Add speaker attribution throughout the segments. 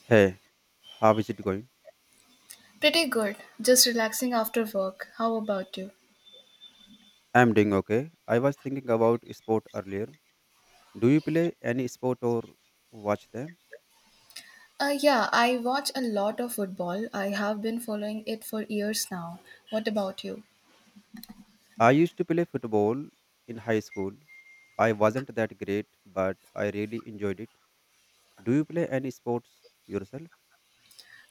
Speaker 1: Hey, how is it going?
Speaker 2: Pretty good. Just relaxing after work. How about you?
Speaker 1: I'm doing okay. I was thinking about sport earlier. Do you play any sport or watch them?
Speaker 2: Yeah, I watch a lot of football. I have been following it for years now. What about you?
Speaker 1: I used to play football in high school. I wasn't that great, but I really enjoyed it. Do you play any sports yourself?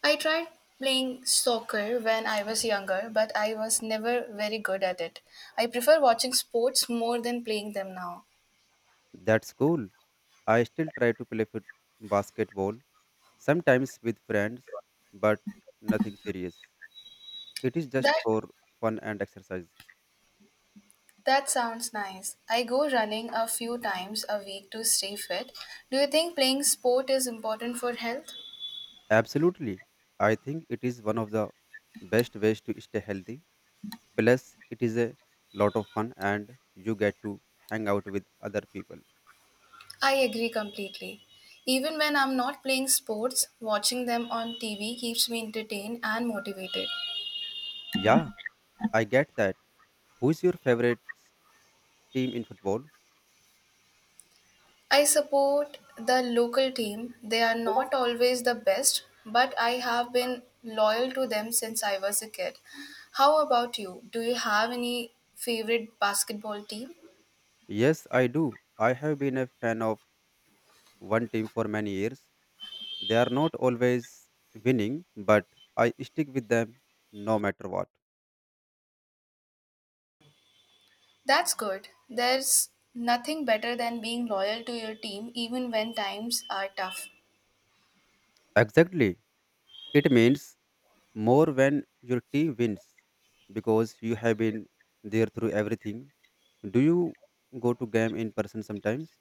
Speaker 2: I tried playing soccer when I was younger, but I was never very good at it. I prefer watching sports more than playing them now.
Speaker 1: That's cool. I still try to play basketball, sometimes with friends, but nothing serious. It is just
Speaker 2: That
Speaker 1: for fun and exercise.
Speaker 2: that sounds nice. I go running a few times a week to stay fit. Do you think playing sport is important for health?
Speaker 1: Absolutely. I think it is one of the best ways to stay healthy. Plus, it is a lot of fun and you get to hang out with other people.
Speaker 2: I agree completely. Even when I'm not playing sports, watching them on TV keeps me entertained and motivated.
Speaker 1: Yeah, I get that. Who is your favorite team in football?
Speaker 2: I support the local team. They are not always the best, but I have been loyal to them since I was a kid. How about you? Do you have any favorite basketball team?
Speaker 1: Yes, I do. I have been a fan of one team for many years. They are not always winning, but I stick with them no matter what.
Speaker 2: That's good. There's nothing better than being loyal to your team even when times are tough.
Speaker 1: Exactly. It means more when your team wins because you have been there through everything. Do you go to game in person sometimes?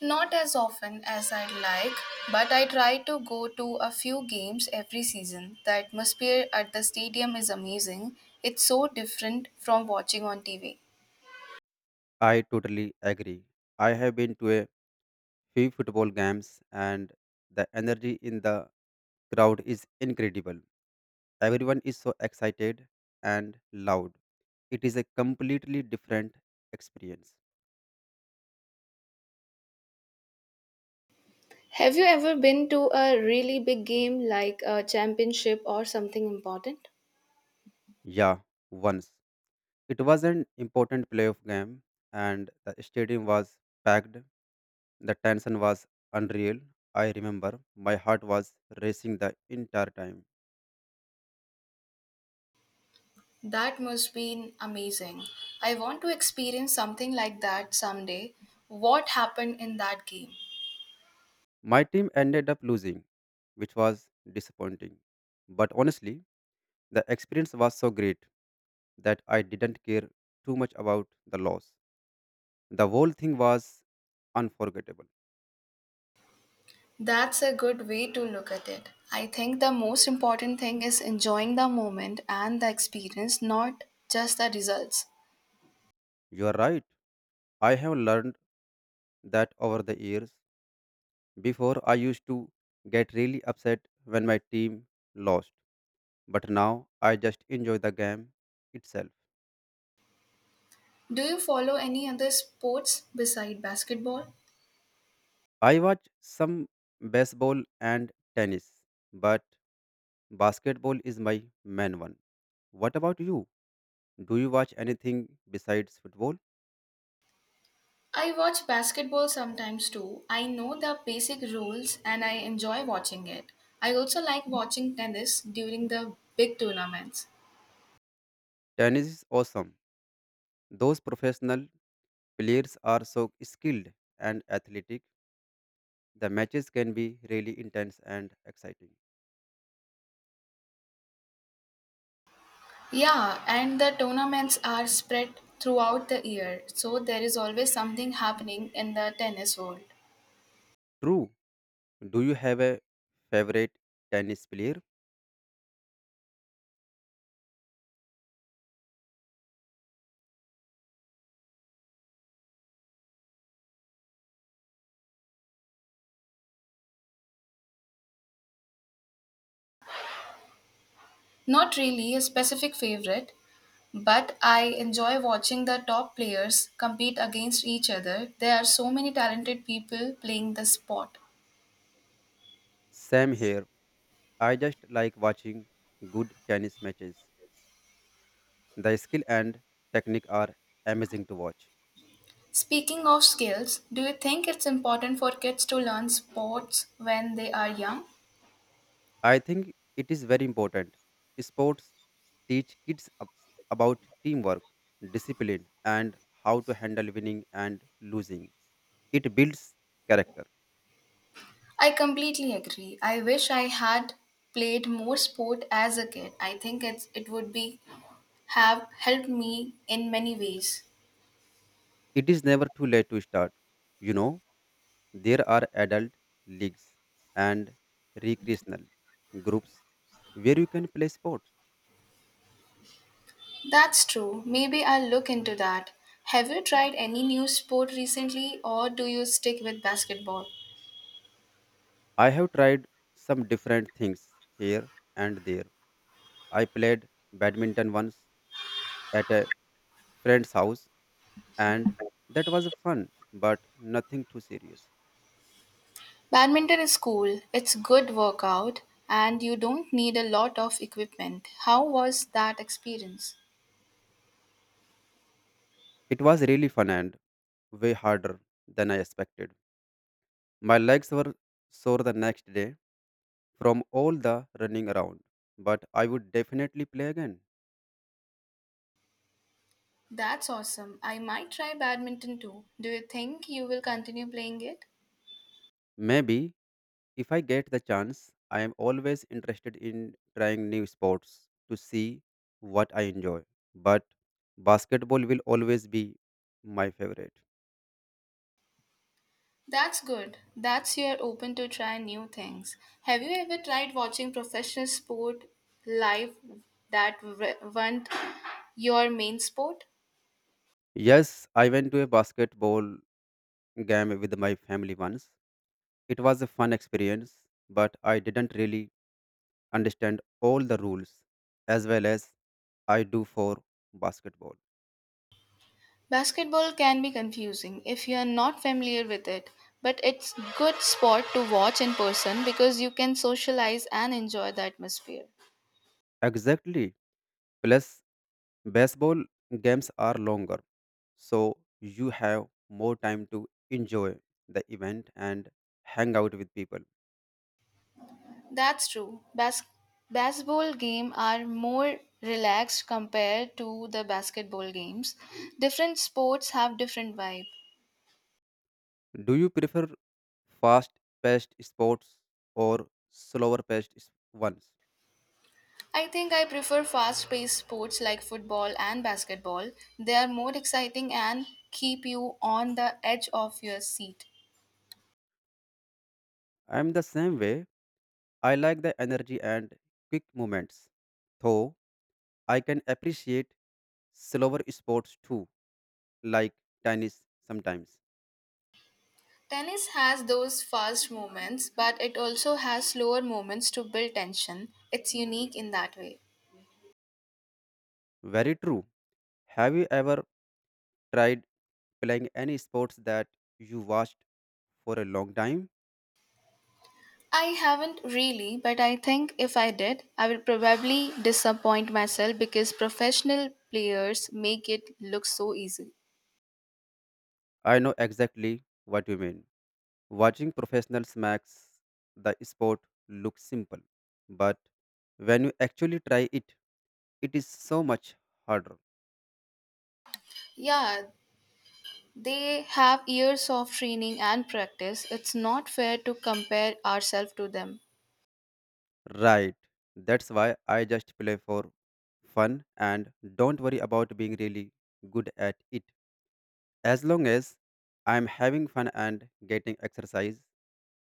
Speaker 2: Not as often as I'd like, but I try to go to a few games every season. The atmosphere at the stadium is amazing. It's so different from watching on TV.
Speaker 1: I totally agree. I have been to a few football games and the energy in the crowd is incredible. Everyone is so excited and loud. It is a completely different experience.
Speaker 2: Have you ever been to a really big game like a championship or something important?
Speaker 1: Yeah, once. It was an important playoff game, and the stadium was packed. The tension was unreal. I remember my heart was racing the entire time.
Speaker 2: That must be amazing. I want to experience something like that someday. What happened in that game?
Speaker 1: My team ended up losing, which was disappointing. But honestly, the experience was so great that I didn't care too much about the loss. The whole thing was unforgettable.
Speaker 2: That's a good way to look at it. I think the most important thing is enjoying the moment and the experience, not just the results.
Speaker 1: You are right. I have learned that over the years. I used to get really upset when my team lost, but now I just enjoy the game itself.
Speaker 2: Do you follow any other sports beside basketball?
Speaker 1: I watch some baseball and tennis, but basketball is my main one. What about you? Do you watch anything besides football?
Speaker 2: I watch basketball sometimes too. I know the basic rules and I enjoy watching it. I also like watching tennis during the big tournaments.
Speaker 1: Tennis is awesome. Those professional players are so skilled and athletic. The matches can be really intense and exciting.
Speaker 2: Yeah, and the tournaments are spread throughout the year, so there is always something happening in the tennis world.
Speaker 1: True. Do you have a favorite tennis player?
Speaker 2: Not really a specific favorite, but I enjoy watching the top players compete against each other. There are so many talented people playing the sport.
Speaker 1: Same here. I just like watching good tennis matches. The skill and technique are amazing to watch.
Speaker 2: Speaking of skills, do you think it's important for kids to learn sports when they are young?
Speaker 1: I think it is very important. Sports teach kids about teamwork, discipline, and how to handle winning and losing. It builds character.
Speaker 2: I completely agree. I wish I had played more sport as a kid. I think it would be have helped me in many ways.
Speaker 1: It is never too late to start. You know, there are adult leagues and recreational groups where you can play sports.
Speaker 2: That's true. Maybe I'll look into that. Have you tried any new sport recently or do you stick with basketball?
Speaker 1: I have tried some different things here and there. I played badminton once at a friend's house and that was fun but nothing too serious.
Speaker 2: Badminton is cool. It's good workout and you don't need a lot of equipment. How was that experience?
Speaker 1: It was really fun and way harder than I expected. My legs were sore the next day from all the running around. But I would definitely play again.
Speaker 2: That's awesome. I might try badminton too. Do you think you will continue playing it?
Speaker 1: Maybe if I get the chance, I am always interested in trying new sports to see what I enjoy. But basketball will always be my favorite.
Speaker 2: That's good. That's you're open to try new things. Have you ever tried watching professional sport live that weren't your main sport?
Speaker 1: Yes, I went to a basketball game with my family once. It was a fun experience, but I didn't really understand all the rules as well as I do for basketball.
Speaker 2: Basketball can be confusing if you are not familiar with it, but it's good sport to watch in person because you can socialize and enjoy the atmosphere.
Speaker 1: Exactly. Plus, baseball games are longer, so you have more time to enjoy the event and hang out with people.
Speaker 2: That's true. Basketball games are more relaxed compared to the basketball games. Different sports have different vibe.
Speaker 1: Do you prefer fast paced sports or slower paced ones?
Speaker 2: I think I prefer fast-paced sports like football and basketball. They are more exciting and keep you on the edge of your seat.
Speaker 1: I'm the same way. I like the energy and quick movements, though I can appreciate slower sports too, like tennis sometimes.
Speaker 2: Tennis has those fast moments, but it also has slower moments to build tension. It's unique in that way.
Speaker 1: Very true. Have you ever tried playing any sports that you watched for a long time.
Speaker 2: I haven't really, but I think if I did, I would probably disappoint myself because professional players make it look so easy.
Speaker 1: I know exactly what you mean. Watching professionals makes the sport look simple, but when you actually try it, it is so much harder.
Speaker 2: Yeah, they have years of training and practice. It's not fair to compare ourselves to them.
Speaker 1: Right. That's why I just play for fun and don't worry about being really good at it. As long as I'm having fun and getting exercise,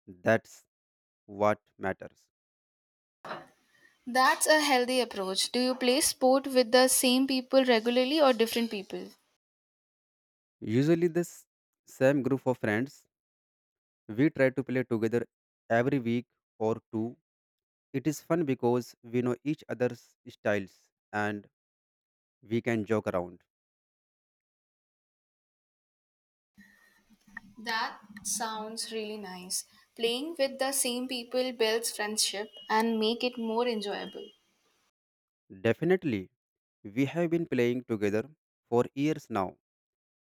Speaker 1: that's what matters.
Speaker 2: That's a healthy approach. Do you play sport with the same people regularly or different people?
Speaker 1: Usually, the same group of friends, we try to play together every week or two. It is fun because we know each other's styles and we can joke around.
Speaker 2: That sounds really nice. Playing with the same people builds friendship and make it more enjoyable.
Speaker 1: Definitely, we have been playing together for years now.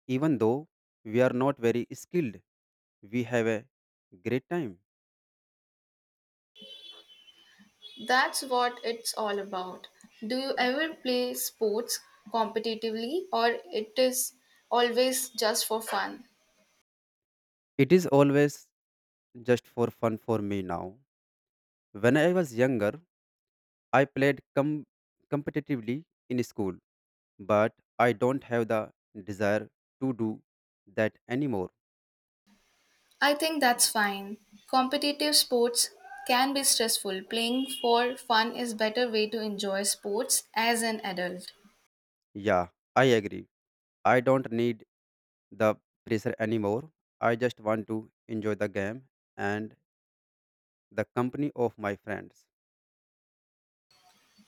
Speaker 1: Even though we are not very skilled, we have a great time.
Speaker 2: That's what it's all about. Do you ever play sports competitively or it is always just for fun?
Speaker 1: It is always just for fun for me now. When I was younger, I played competitively in school. But I don't have the desire to do that anymore.
Speaker 2: I think that's fine. Competitive sports can be stressful. Playing for fun is better way to enjoy sports as an adult.
Speaker 1: Yeah, I agree. I don't need the pressure anymore. I just want to enjoy the game and the company of my friends.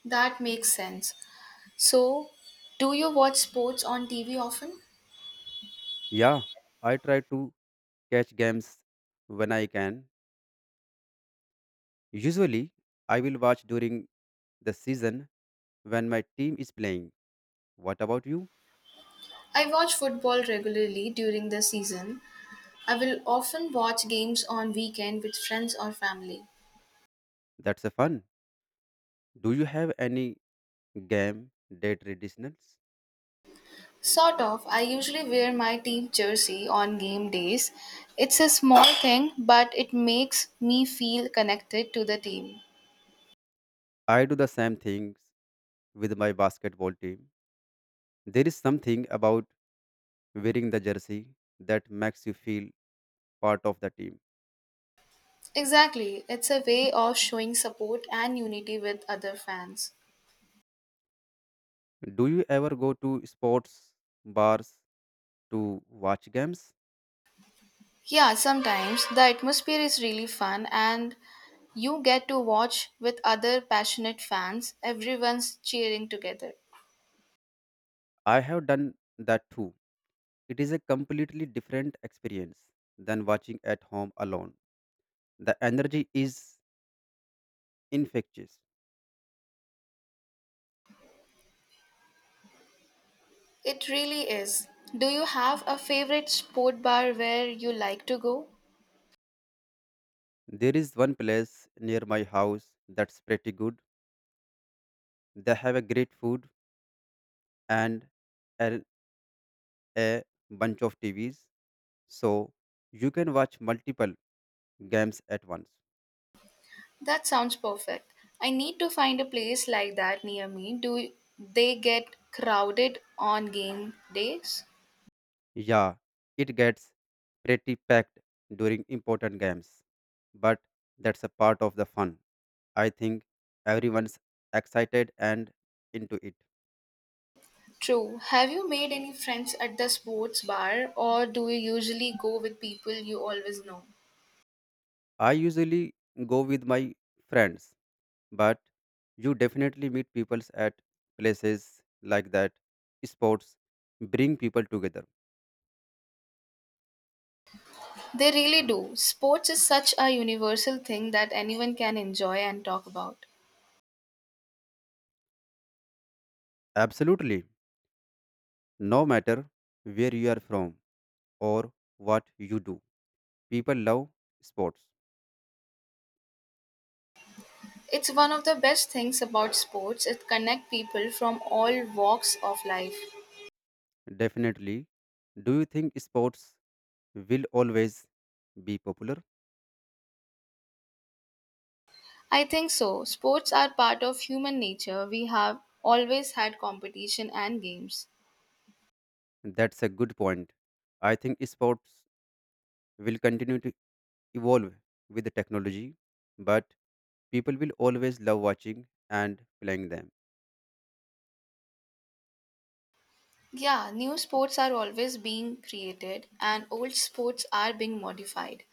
Speaker 2: That makes sense. So, do you watch sports on TV often?
Speaker 1: Yeah, I try to catch games when I can. Usually, I will watch during the season when my team is playing. What about you?
Speaker 2: I watch football regularly during the season. I will often watch games on weekend with friends or family.
Speaker 1: That's a fun. Do you have any game day traditionals?
Speaker 2: Sort of, I usually wear my team jersey on game days. It's a small thing, but it makes me feel connected to the team.
Speaker 1: I do the same things with my basketball team. There is something about wearing the jersey that makes you feel part of the team.
Speaker 2: Exactly, it's a way of showing support and unity with other fans.
Speaker 1: Do you ever go to sports bars to watch games?
Speaker 2: Yeah, sometimes the atmosphere is really fun and you get to watch with other passionate fans. Everyone's cheering together.
Speaker 1: I have done that too. It is a completely different experience than watching at home alone. The energy is infectious.
Speaker 2: It really is. Do you have a favorite sport bar where you like to go?
Speaker 1: There is one place near my house that's pretty good. They have a great food and a, a bunch of TVs so you can watch multiple games at once.
Speaker 2: That sounds perfect. I need to find a place like that near me. Do they get crowded on game days?
Speaker 1: Yeah, it gets pretty packed during important games, but that's a part of the fun. I think everyone's excited and into it.
Speaker 2: True. Have you made any friends at the sports bar or do you usually go with people you always know?
Speaker 1: I usually go with my friends, but you definitely meet people at places like that. Sports bring people together.
Speaker 2: They really do. Sports is such a universal thing that anyone can enjoy and talk about.
Speaker 1: Absolutely, no matter where you are from or what you do. People love sports,
Speaker 2: It's one of the best things about sports, it connects people from all walks of life.
Speaker 1: definitely. Do you think sports will always be popular?
Speaker 2: I think so. Sports are part of human nature. We have always had competition and games.
Speaker 1: That's a good point. I think sports will continue to evolve with the technology, but people will always love watching and playing them.
Speaker 2: Yeah, new sports are always being created and old sports are being modified.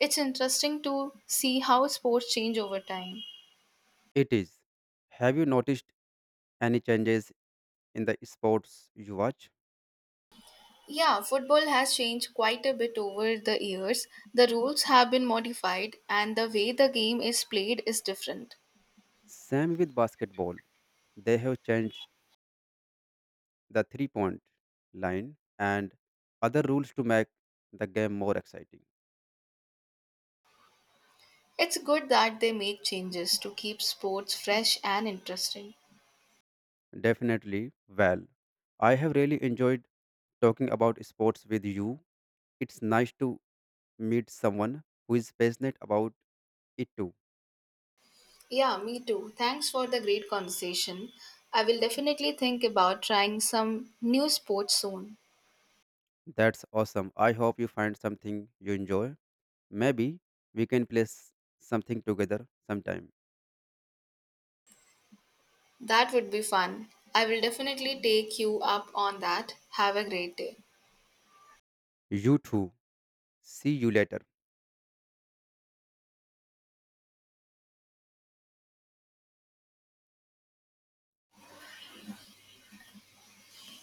Speaker 2: It's interesting to see how sports change over time.
Speaker 1: It is. Have you noticed any changes in the sports you watch?
Speaker 2: Yeah, football has changed quite a bit over the years. The rules have been modified and the way the game is played is different.
Speaker 1: Same with basketball. They have changed the three point line and other rules to make the game more exciting.
Speaker 2: It's good that they make changes to keep sports fresh and interesting.
Speaker 1: Definitely. Well, I have really enjoyed talking about sports with you. It's nice to meet someone who is passionate about it too.
Speaker 2: Yeah, me too. Thanks for the great conversation. I will definitely think about trying some new sports soon.
Speaker 1: That's awesome. I hope you find something you enjoy. Maybe we can play something together sometime.
Speaker 2: That would be fun. I will definitely take you up on that. Have a great day.
Speaker 1: You too. See you later.